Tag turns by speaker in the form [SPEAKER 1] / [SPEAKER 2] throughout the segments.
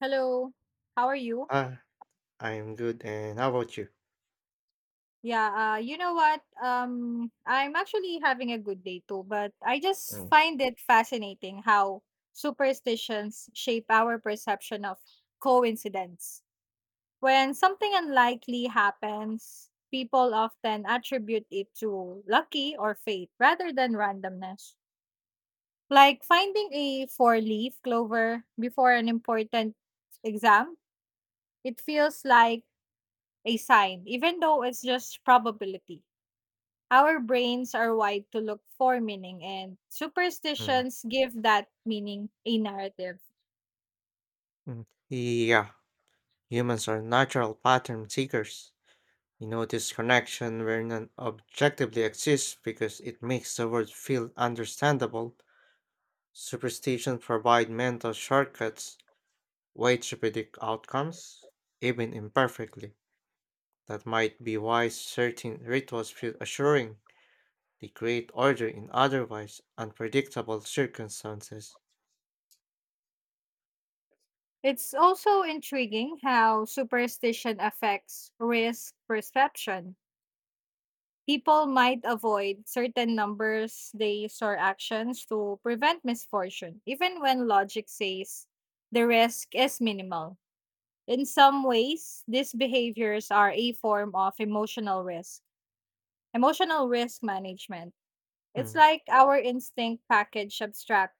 [SPEAKER 1] Hello. How are you?
[SPEAKER 2] Ah, I'm good, and how about you?
[SPEAKER 1] Yeah, you know what? I'm actually having a good day too, but I just
[SPEAKER 2] Mm.
[SPEAKER 1] find it fascinating how superstitions shape our perception of coincidence. When something unlikely happens, people often attribute it to lucky or fate rather than randomness. Like finding a four leaf clover before an important exam, it feels like a sign, even though it's just probability. Our brains are wired to look for meaning, and
[SPEAKER 2] Mm,
[SPEAKER 1] superstitions give that meaning a narrative.
[SPEAKER 2] mm. Yeah, humans are natural pattern seekers. You notice connection where none objectively exists because it makes the world feel understandable. Superstition provide mental shortcuts, way to predict outcomes, even imperfectly. That might be why certain rituals feel assuring. They create order in otherwise unpredictable circumstances.
[SPEAKER 1] It's also intriguing how superstition affects risk perception. People might avoid certain numbers, days, or actions to prevent misfortune, even when logic says the risk is minimal. In some ways, these behaviors are a form of emotional risk. Emotional risk management. It's
[SPEAKER 2] Mm,
[SPEAKER 1] like our instinct package abstract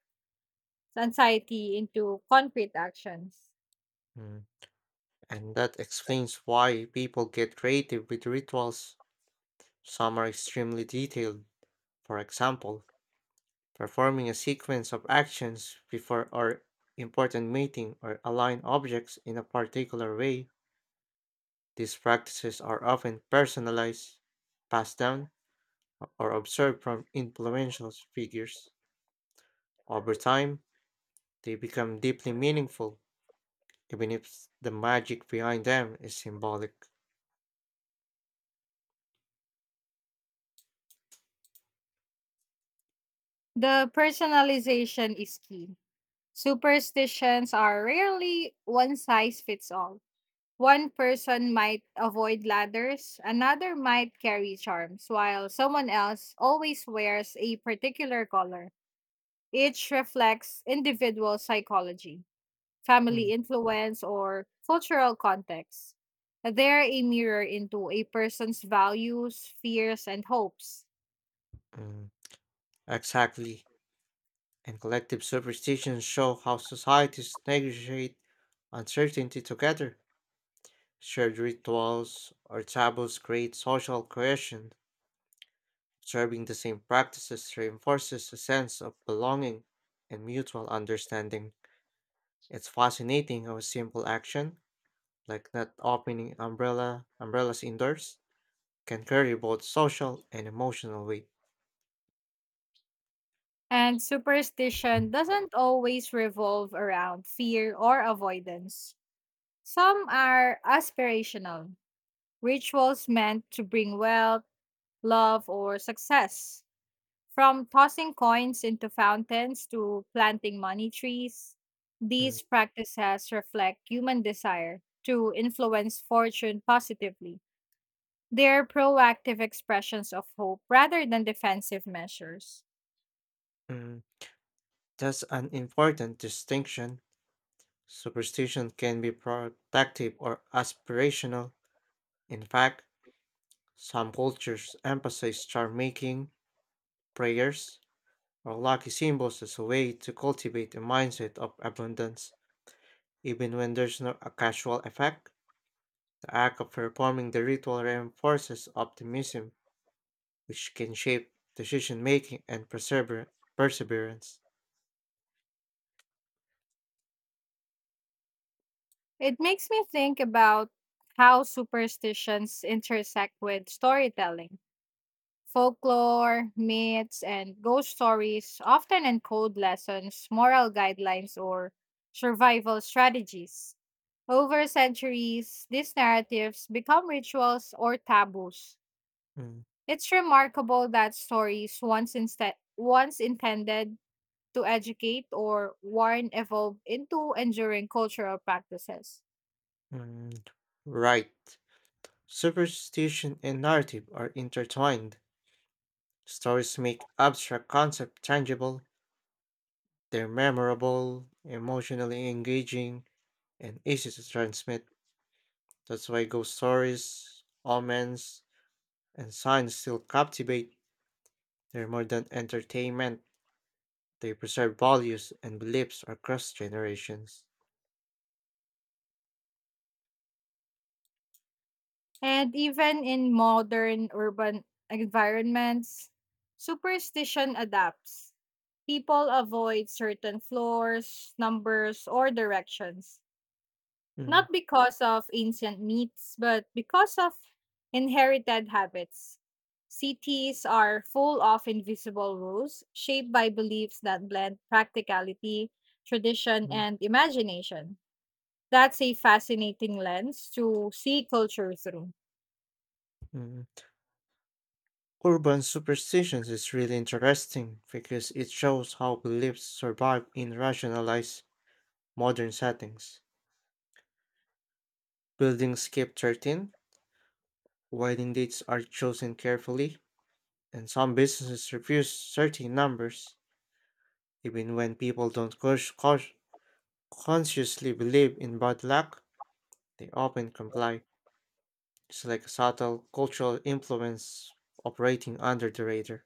[SPEAKER 1] anxiety into concrete actions.
[SPEAKER 2] mm. And that explains why people get creative with rituals. Some are extremely detailed, for example, performing a sequence of actions before or important meeting or align objects in a particular way. These practices are often personalized, passed down, or observed from influential figures. Over time, they become deeply meaningful, even if the magic behind them is symbolic.
[SPEAKER 1] The personalization is key. Superstitions are rarely one size fits all. One person might avoid ladders, another might carry charms, while someone else always wears a particular color. Each reflects individual psychology, family
[SPEAKER 2] Mm,
[SPEAKER 1] influence, or cultural context. They're a mirror into a person's values, fears, and hopes.
[SPEAKER 2] mm. Exactly. And collective superstitions show how societies negotiate uncertainty together. Shared rituals or taboos create social cohesion. Observing the same practices reinforces a sense of belonging and mutual understanding. It's fascinating how a simple action, like not opening umbrellas indoors, can carry both social and emotional weight.
[SPEAKER 1] And superstition doesn't always revolve around fear or avoidance. Some are aspirational, rituals meant to bring wealth, love, or success. From tossing coins into fountains to planting money trees,
[SPEAKER 2] Mm,
[SPEAKER 1] these practices reflect human desire to influence fortune positively. They are proactive expressions of hope rather than defensive measures.
[SPEAKER 2] mm. That's an important distinction. Superstition can be protective or aspirational. In fact, some cultures emphasize star making, prayers, or lucky symbols as a way to cultivate a mindset of abundance. Even when there's no a casual effect, the act of performing the ritual reinforces optimism, which can shape decision making and perseverance.
[SPEAKER 1] It makes me think about how superstitions intersect with storytelling. Folklore, myths, and ghost stories often encode lessons, moral guidelines, or survival strategies. Over centuries, these narratives become rituals or taboos.
[SPEAKER 2] Mm,
[SPEAKER 1] It's remarkable that stories once, once intended to educate or warn evolve into enduring cultural practices.
[SPEAKER 2] mm. Right. Superstition and narrative are intertwined. Stories make abstract concepts tangible, they're memorable, emotionally engaging, and easy to transmit. That's why ghost stories, omens, and signs still captivate. They're more than entertainment, they preserve values and beliefs across generations.
[SPEAKER 1] And even in modern urban environments, superstition adapts. People avoid certain floors, numbers, or directions, not
[SPEAKER 2] Mm,
[SPEAKER 1] because of ancient myths, but because of inherited habits. Cities are full of invisible rules shaped by beliefs that blend practicality, tradition,
[SPEAKER 2] mm,
[SPEAKER 1] and imagination. That's a fascinating lens to see culture through.
[SPEAKER 2] mm. Urban superstitions is really interesting because it shows how beliefs survive in rationalized modern settings. Building skip 13. Wedding dates are chosen carefully, and some businesses refuse certain numbers. Even when people don't consciously believe in bad luck, they often comply. It's like a subtle cultural influence operating under the radar.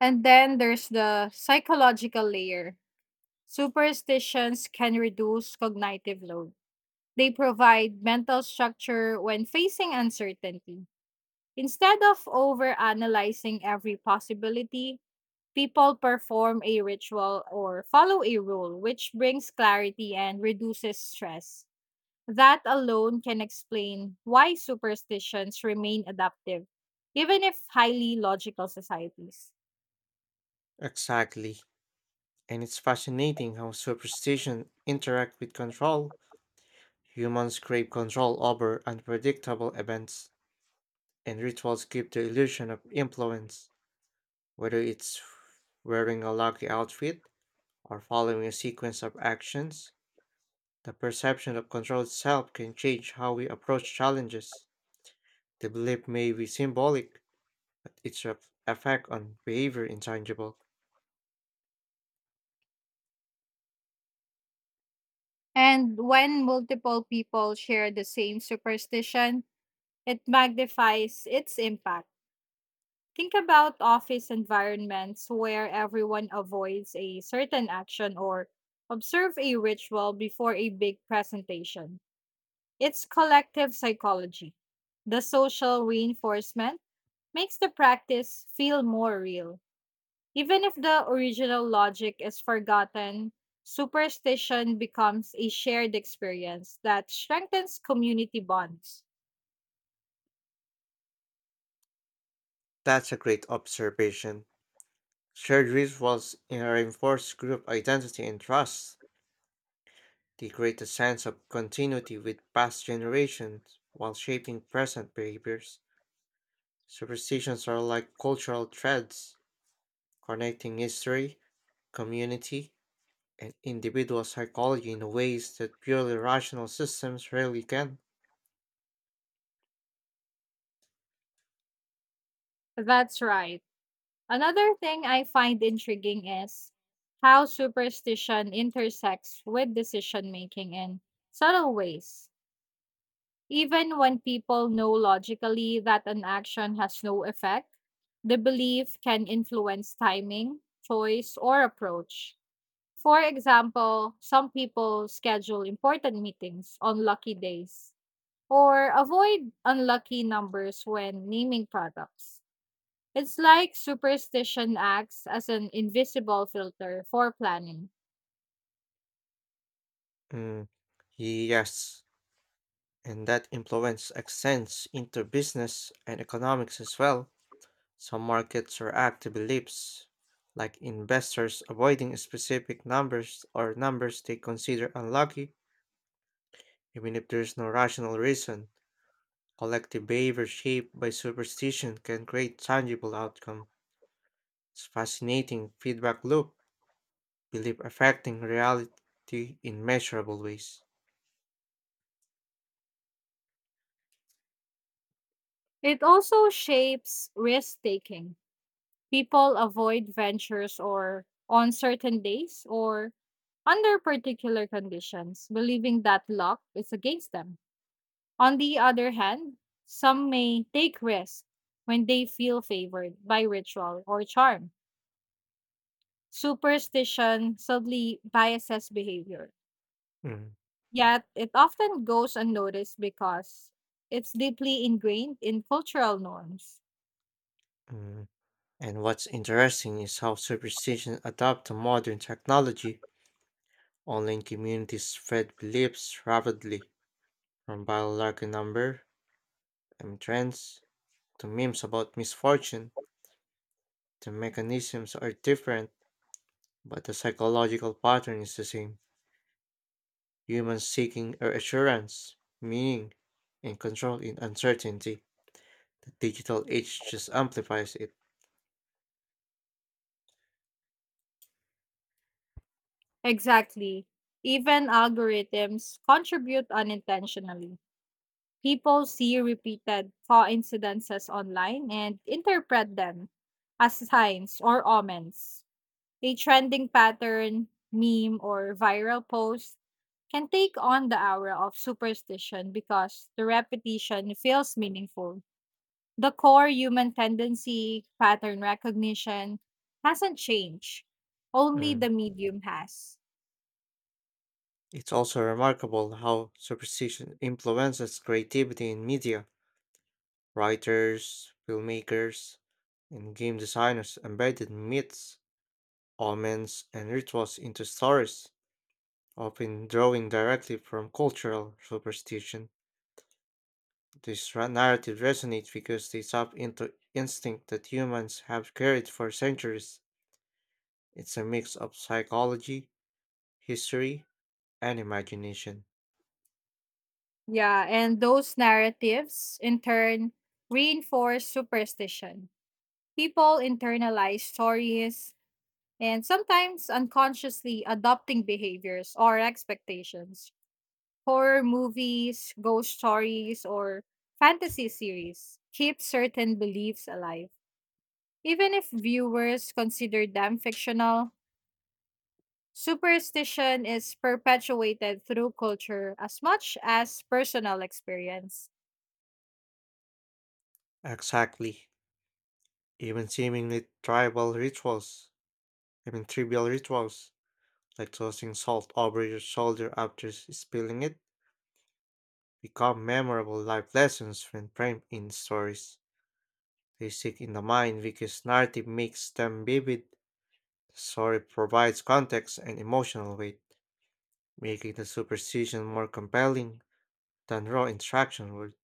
[SPEAKER 1] And then there's the psychological layer. Superstitions can reduce cognitive load. They provide mental structure when facing uncertainty. Instead of overanalyzing every possibility, people perform a ritual or follow a rule, which brings clarity and reduces stress. That alone can explain why superstitions remain adaptive, even if highly logical societies.
[SPEAKER 2] Exactly. And it's fascinating how superstition interact with control. Humans crave control over unpredictable events, and rituals give the illusion of influence. Whether it's wearing a lucky outfit, or following a sequence of actions, the perception of controlled self can change how we approach challenges. The belief may be symbolic, but its effect on behavior intangible.
[SPEAKER 1] And when multiple people share the same superstition, it magnifies its impact. Think about office environments where everyone avoids a certain action or observe a ritual before a big presentation. It's collective psychology. The social reinforcement makes the practice feel more real. Even if the original logic is forgotten, superstition becomes a shared experience that strengthens community bonds.
[SPEAKER 2] That's a great observation. Shared rituals in a reinforced group identity and trust. They create a sense of continuity with past generations while shaping present behaviors. Superstitions are like cultural threads connecting history, community, and individual psychology in ways that purely rational systems rarely can.
[SPEAKER 1] That's right. Another thing I find intriguing is how superstition intersects with decision making in subtle ways. Even when people know logically that an action has no effect, the belief can influence timing, choice, or approach. For example, some people schedule important meetings on lucky days or avoid unlucky numbers when naming products. It's like superstition acts as an invisible filter for planning.
[SPEAKER 2] Mm, yes, and that influence extends into business and economics as well. Some markets react to beliefs, like investors avoiding specific numbers or numbers they consider unlucky, even if there's no rational reason. Collective behavior shaped by superstition can create tangible outcome. It's fascinating feedback loop belief affecting reality in measurable ways.
[SPEAKER 1] It also shapes risk taking. People avoid ventures or on certain days or under particular conditions, believing that luck is against them. On the other hand, some may take risks when they feel favored by ritual or charm. Superstition subtly biases behavior,
[SPEAKER 2] Mm,
[SPEAKER 1] yet it often goes unnoticed because it's deeply ingrained in cultural norms.
[SPEAKER 2] mm. And what's interesting is how superstition adapt to modern technology. Online communities spread beliefs rapidly, from biological number and trends to memes about misfortune. The mechanisms are different, but the psychological pattern is the same. Humans seeking assurance, meaning, and control in uncertainty. The digital age just amplifies it.
[SPEAKER 1] Exactly. Even algorithms contribute unintentionally. People see repeated coincidences online and interpret them as signs or omens. A trending pattern, meme, or viral post can take on the aura of superstition because the repetition feels meaningful. The core human tendency, pattern recognition, hasn't changed. Only
[SPEAKER 2] Mm.
[SPEAKER 1] the medium has.
[SPEAKER 2] It's also remarkable how superstition influences creativity in media. Writers, filmmakers, and game designers embedded myths, omens, and rituals into stories, often drawing directly from cultural superstition. These narratives resonate because they tap into instinct that humans have carried for centuries. It's a mix of psychology, history, and imagination.
[SPEAKER 1] Yeah, and those narratives, in turn, reinforce superstition. People internalize stories and sometimes unconsciously adopting behaviors or expectations horror movies, ghost stories, or fantasy series keep certain beliefs alive. Even if viewers consider them fictional, superstition is perpetuated through culture as much as personal experience.
[SPEAKER 2] Exactly. Even seemingly tribal rituals, I mean trivial rituals, like tossing salt over your shoulder after spilling it, become memorable life lessons when framed in stories. They stick in the mind because narrative makes them vivid. The story provides context and emotional weight, making the superstition more compelling than raw instruction would.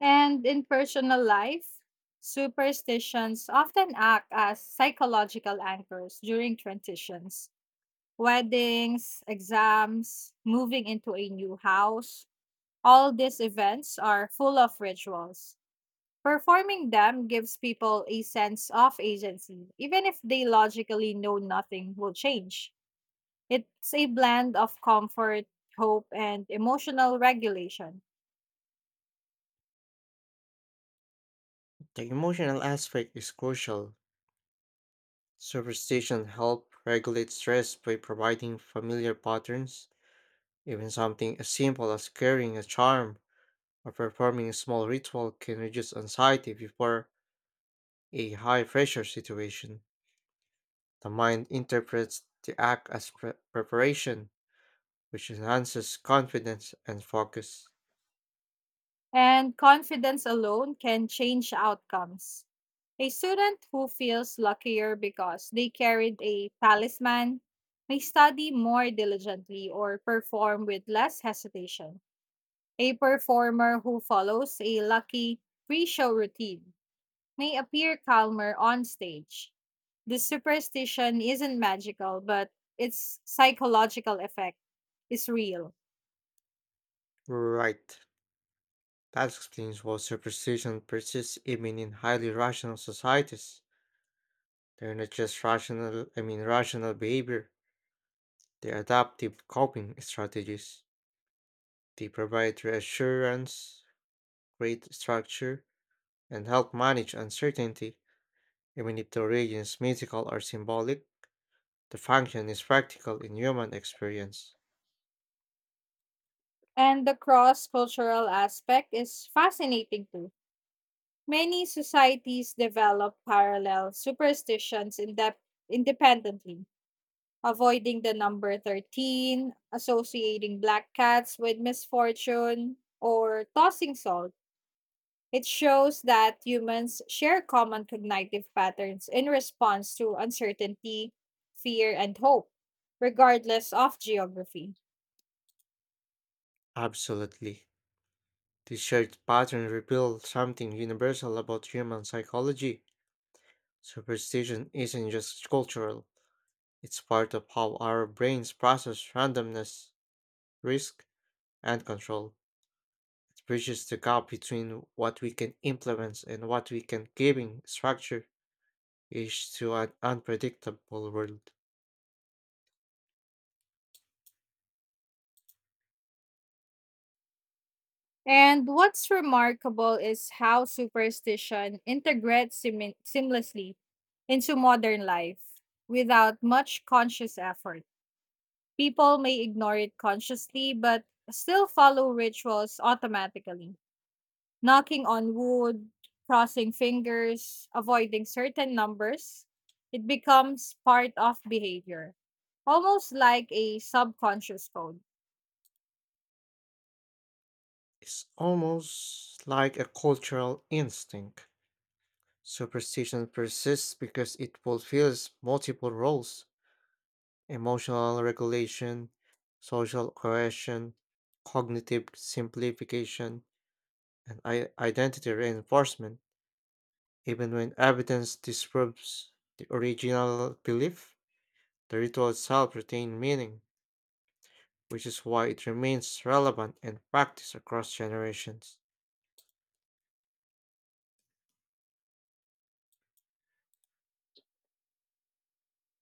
[SPEAKER 1] And in personal life, superstitions often act as psychological anchors during transitions, weddings, exams, moving into a new house. All these events are full of rituals. Performing them gives people a sense of agency, even if they logically know nothing will change. It's a blend of comfort, hope, and emotional regulation.
[SPEAKER 2] The emotional aspect is crucial. Superstition help regulate stress by providing familiar patterns. Even something as simple as carrying a charm or performing a small ritual can reduce anxiety before a high pressure situation. The mind interprets the act as preparation, which enhances confidence and focus.
[SPEAKER 1] And confidence alone can change outcomes. A student who feels luckier because they carried a talisman may study more diligently or perform with less hesitation. A performer who follows a lucky pre show routine may appear calmer on stage. This superstition isn't magical, but its psychological effect is real.
[SPEAKER 2] Right. That explains why superstition persists even in highly rational societies. They're not just rational, I mean, rational behavior, they're adaptive coping strategies. They provide reassurance, create structure, and help manage uncertainty. Even if the origin is mythical or symbolic, the function is practical in human experience.
[SPEAKER 1] And the cross cultural aspect is fascinating too. Many societies develop parallel superstitions independently, avoiding the number 13, associating black cats with misfortune, or tossing salt. It shows that humans share common cognitive patterns in response to uncertainty, fear, and hope, regardless of geography.
[SPEAKER 2] Absolutely. These shared patterns reveal something universal about human psychology. Superstition isn't just cultural, it's part of how our brains process randomness, risk, and control. It bridges the gap between what we can influence and what we can giving structure is to an unpredictable world.
[SPEAKER 1] And what's remarkable is how superstition integrates seamlessly into modern life without much conscious effort. People may ignore it consciously, but still follow rituals automatically. Knocking on wood, crossing fingers, avoiding certain numbers, it becomes part of behavior, almost like a subconscious code.
[SPEAKER 2] It's almost like a cultural instinct. Superstition persists because it fulfills multiple roles emotional regulation, social coercion, cognitive simplification, and identity reinforcement. Even when evidence disproves the original belief, the ritual itself retains meaning, which is why it remains relevant and practiced across generations.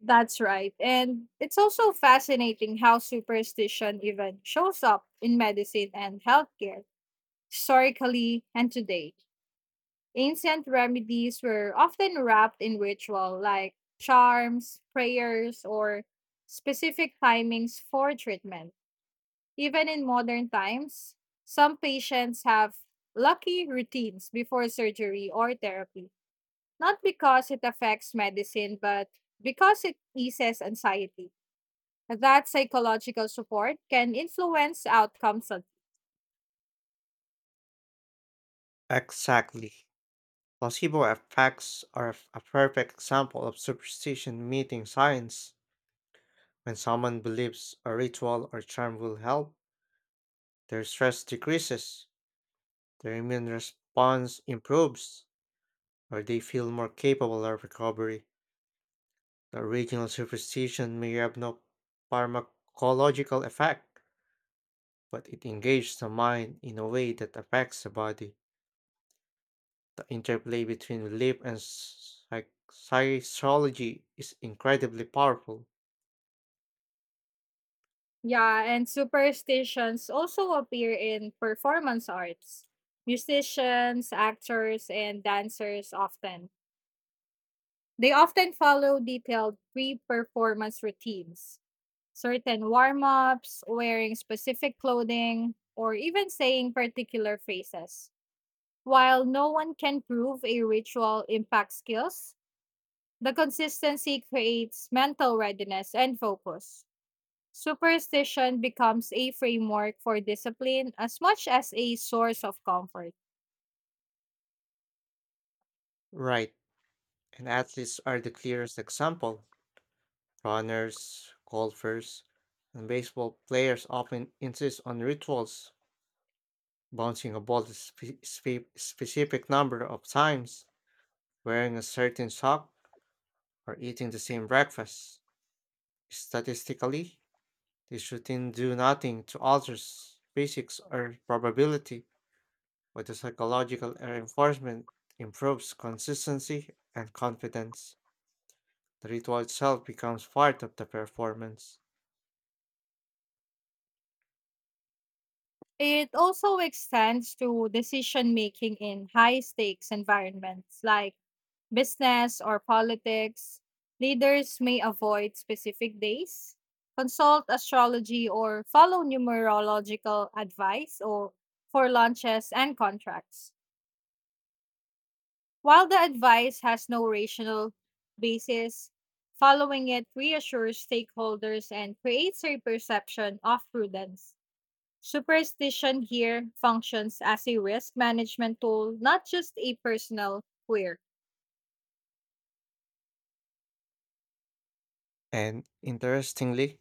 [SPEAKER 1] That's right. And it's also fascinating how superstition even shows up in medicine and healthcare, historically and today. Ancient remedies were often wrapped in ritual, like charms, prayers, or specific timings for treatment. Even in modern times, some patients have lucky routines before surgery or therapy, not because it affects medicine, but because it eases anxiety. That psychological support can influence outcomes.
[SPEAKER 2] Exactly. Placebo effects are a perfect example of superstition meeting science. When someone believes a ritual or charm will help, their stress decreases, their immune response improves, or they feel more capable of recovery. The original superstition may have no pharmacological effect, but it engages the mind in a way that affects the body. The interplay between belief and psychology is incredibly powerful.
[SPEAKER 1] Yeah, and superstitions also appear in performance arts. Musicians, actors, and dancers often. They often follow detailed pre performance routines, certain warm ups, wearing specific clothing, or even saying particular phrases. While no one can prove a ritual impacts skills, the consistency creates mental readiness and focus. Superstition becomes a framework for discipline as much as a source of comfort.
[SPEAKER 2] Right. And athletes are the clearest example. Runners, golfers, and baseball players often insist on rituals, bouncing a ball a specific number of times, wearing a certain sock, or eating the same breakfast. Statistically, these routines do nothing to alter physics or probability, but the psychological reinforcement improves consistency and confidence. The ritual itself becomes part of the performance.
[SPEAKER 1] It also extends to decision making in high stakes environments like business, or politics, leaders may avoid specific days, consult astrology, or follow numerological advice or for launches and contracts. While the advice has no rational basis, following it reassures stakeholders and creates a perception of prudence. Superstition here functions as a risk management tool, not just a personal quirk.
[SPEAKER 2] And interestingly,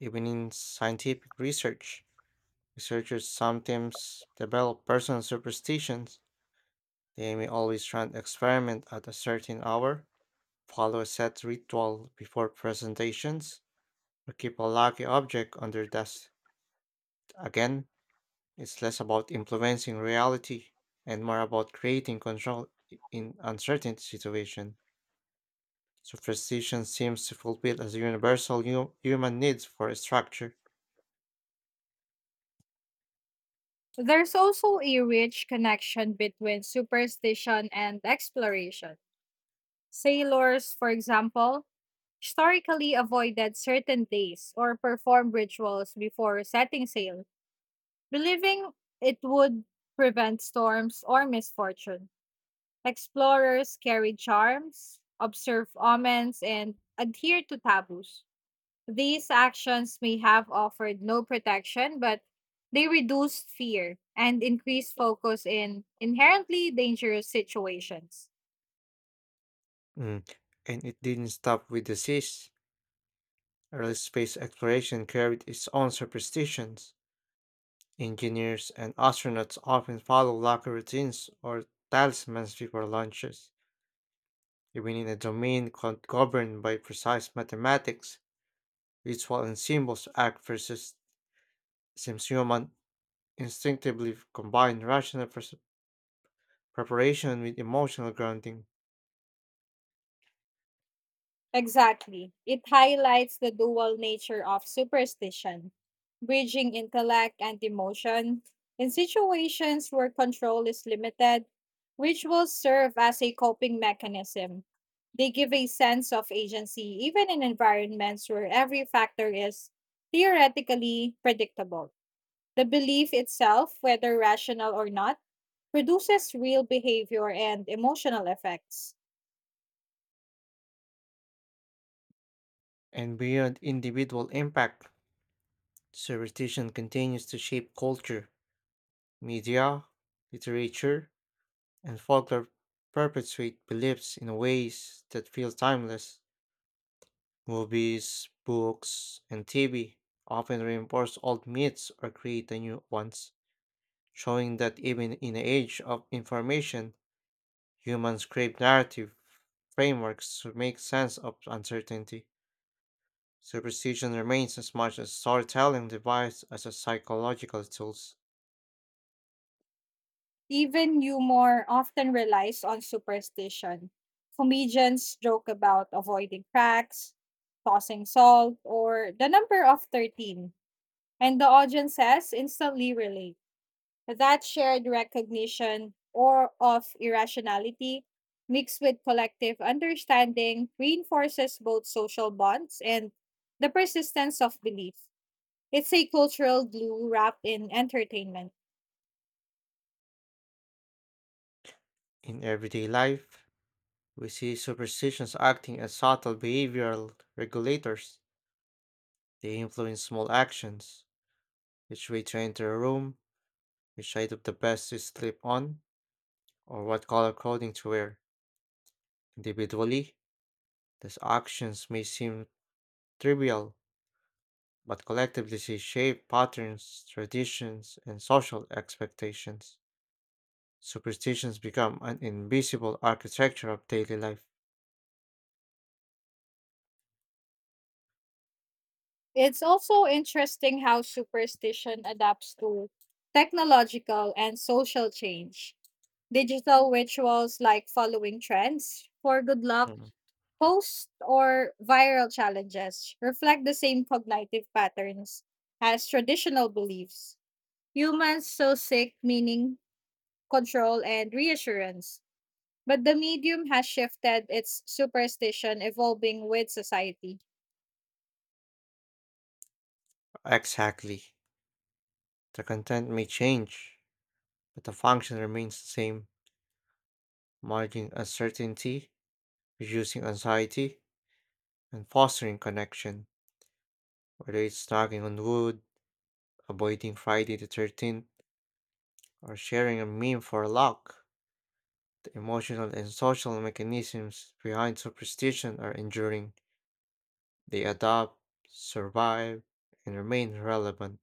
[SPEAKER 2] even in scientific research, researchers sometimes develop personal superstitions. They may always run experiment at a certain hour, follow a set ritual before presentations, or keep a lucky object on their desk. Again, it's less about influencing reality and more about creating control in uncertain situation. Superstition seems to fulfill as a universal human needs for structure.
[SPEAKER 1] There's also a rich connection between superstition and exploration. Sailors, for example, historically avoided certain days or performed rituals before setting sail, believing it would prevent storms or misfortune. Explorers carried charms, observe omens, and adhere to taboos. These actions may have offered no protection, but they reduced fear and increased focus in inherently dangerous situations.
[SPEAKER 2] Mm. And it didn't stop with the seas. Early space exploration carried its own superstitions. Engineers and astronauts often follow local routines or talismans before launches, even in a domain governed by precise mathematics. Ritual and symbols act versus seems human instinctively combine rational preparation with emotional grounding.
[SPEAKER 1] Exactly. It highlights the dual nature of superstition, bridging intellect and emotion. In situations where control is limited, rituals serve as a coping mechanism. They give a sense of agency even in environments where every factor is theoretically predictable. The belief itself, whether rational or not, produces real behavior and emotional effects.
[SPEAKER 2] And beyond individual impact, superstition continues to shape culture. Media, literature, and folklore perpetuate beliefs in ways that feel timeless. Movies, books, and TV often reinforce old myths or create the new ones, showing that even in the age of information, humans crave narrative frameworks to make sense of uncertainty. Superstition remains as much a storytelling device as a psychological tool
[SPEAKER 1] Even humor often relies on superstition. Comedians joke about avoiding cracks, tossing salt, or the number of 13, and the audience says instantly relate. That shared recognition or of irrationality mixed with collective understanding reinforces both social bonds and the persistence of belief. It's a cultural glue wrapped in entertainment.
[SPEAKER 2] in everyday life. We see superstitions acting as subtle behavioral regulators. They influence small actions, which way to enter a room, which item the best to sleep on, or what color clothing to wear. Individually, these actions may seem trivial, but collectively they shape patterns, traditions, and social expectations. Superstitions become an invisible architecture of daily life.
[SPEAKER 1] It's also interesting how superstition adapts to technological and social change. Digital rituals like following trends for good luck,
[SPEAKER 2] Mm.
[SPEAKER 1] posts, or viral challenges reflect the same cognitive patterns as traditional beliefs. Humans so seek meaning, control, and reassurance. But the medium has shifted its superstition, evolving with society.
[SPEAKER 2] Exactly. The content may change, but the function remains the same. Managing uncertainty, reducing anxiety, and fostering connection. Whether it's knocking on wood, avoiding Friday the 13th, or sharing a meme for luck, the emotional and social mechanisms behind superstition are enduring. They adapt, survive, and remain relevant.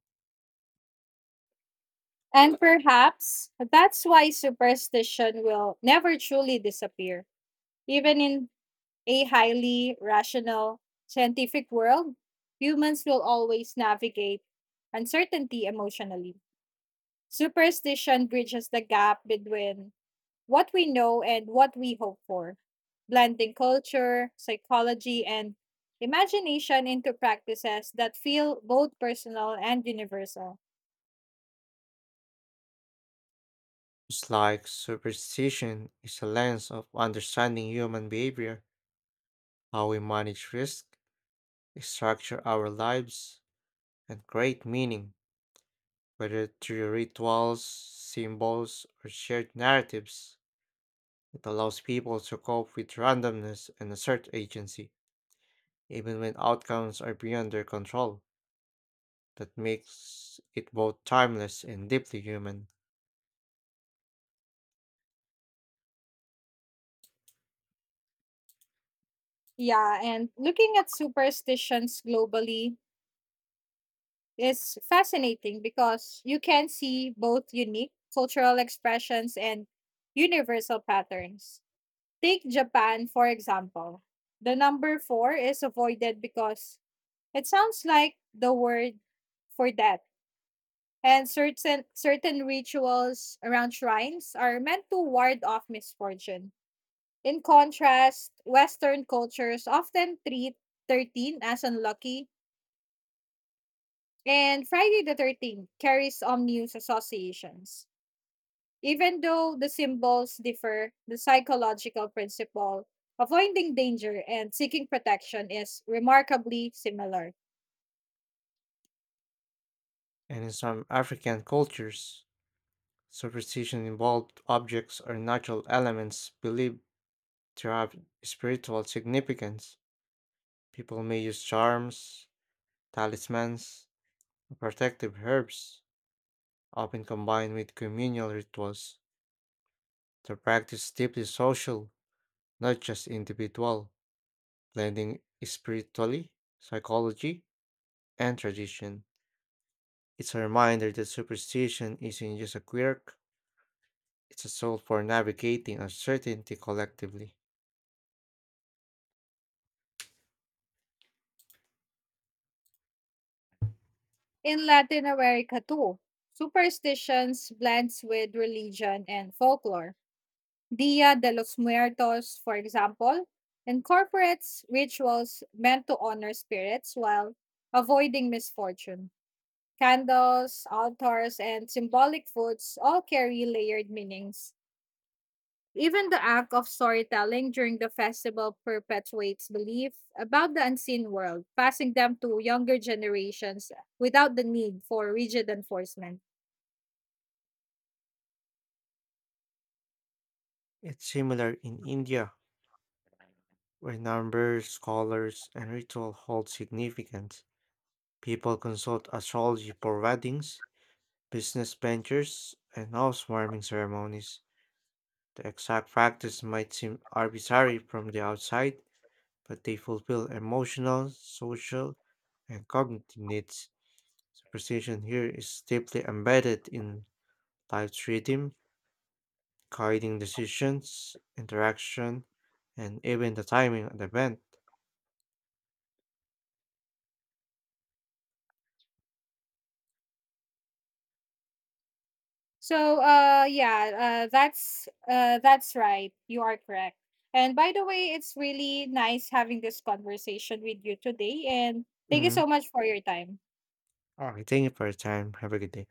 [SPEAKER 1] And perhaps that's why superstition will never truly disappear. Even in a highly rational scientific world, humans will always navigate uncertainty emotionally. Superstition bridges the gap between what we know and what we hope for, blending culture, psychology, and imagination into practices that feel both personal and universal.
[SPEAKER 2] It's like superstition is a lens of understanding human behavior, how we manage risk, structure our lives, and create meaning. Whether through rituals, symbols, or shared narratives, it allows people to cope with randomness and assert agency, even when outcomes are beyond their control. That makes it both timeless and deeply human.
[SPEAKER 1] Yeah, and looking at superstitions globally is fascinating because you can see both unique cultural expressions and universal patterns. Take Japan, for example. The number four is avoided because it sounds like the word for death. And certain certain rituals around shrines are meant to ward off misfortune. In contrast, Western cultures often treat 13 as unlucky. And Friday the 13th carries ominous associations. Even though the symbols differ, the psychological principle, avoiding danger and seeking protection, is remarkably similar.
[SPEAKER 2] And in some African cultures, superstition involved objects or natural elements believed to have spiritual significance. People may use charms, talismans, or protective herbs often combined with communal rituals. The practice deeply social, not just individual, blending spirituality, psychology, and tradition. It's a reminder that superstition isn't just a quirk, it's a tool for navigating uncertainty collectively.
[SPEAKER 1] In Latin America, too, superstitions blends with religion and folklore. Dia de los Muertos, for example, incorporates rituals meant to honor spirits while avoiding misfortune. Candles, altars, and symbolic foods all carry layered meanings. Even the act of storytelling during the festival perpetuates belief about the unseen world, passing them to younger generations without the need for rigid enforcement.
[SPEAKER 2] It's similar in India, where numbers, colors, and ritual hold significance. People consult astrology for weddings, business ventures, and housewarming ceremonies. The exact practice might seem arbitrary from the outside, but they fulfill emotional, social, and cognitive needs. Superstition here is deeply embedded in life's rhythm, guiding decisions, interaction, and even the timing of the event.
[SPEAKER 1] So, yeah, that's right. You are correct. And by the way, it's really nice having this conversation with you today. And thank you
[SPEAKER 2] Mm.
[SPEAKER 1] so much for your time.
[SPEAKER 2] All right, thank you for your time. Have a good day.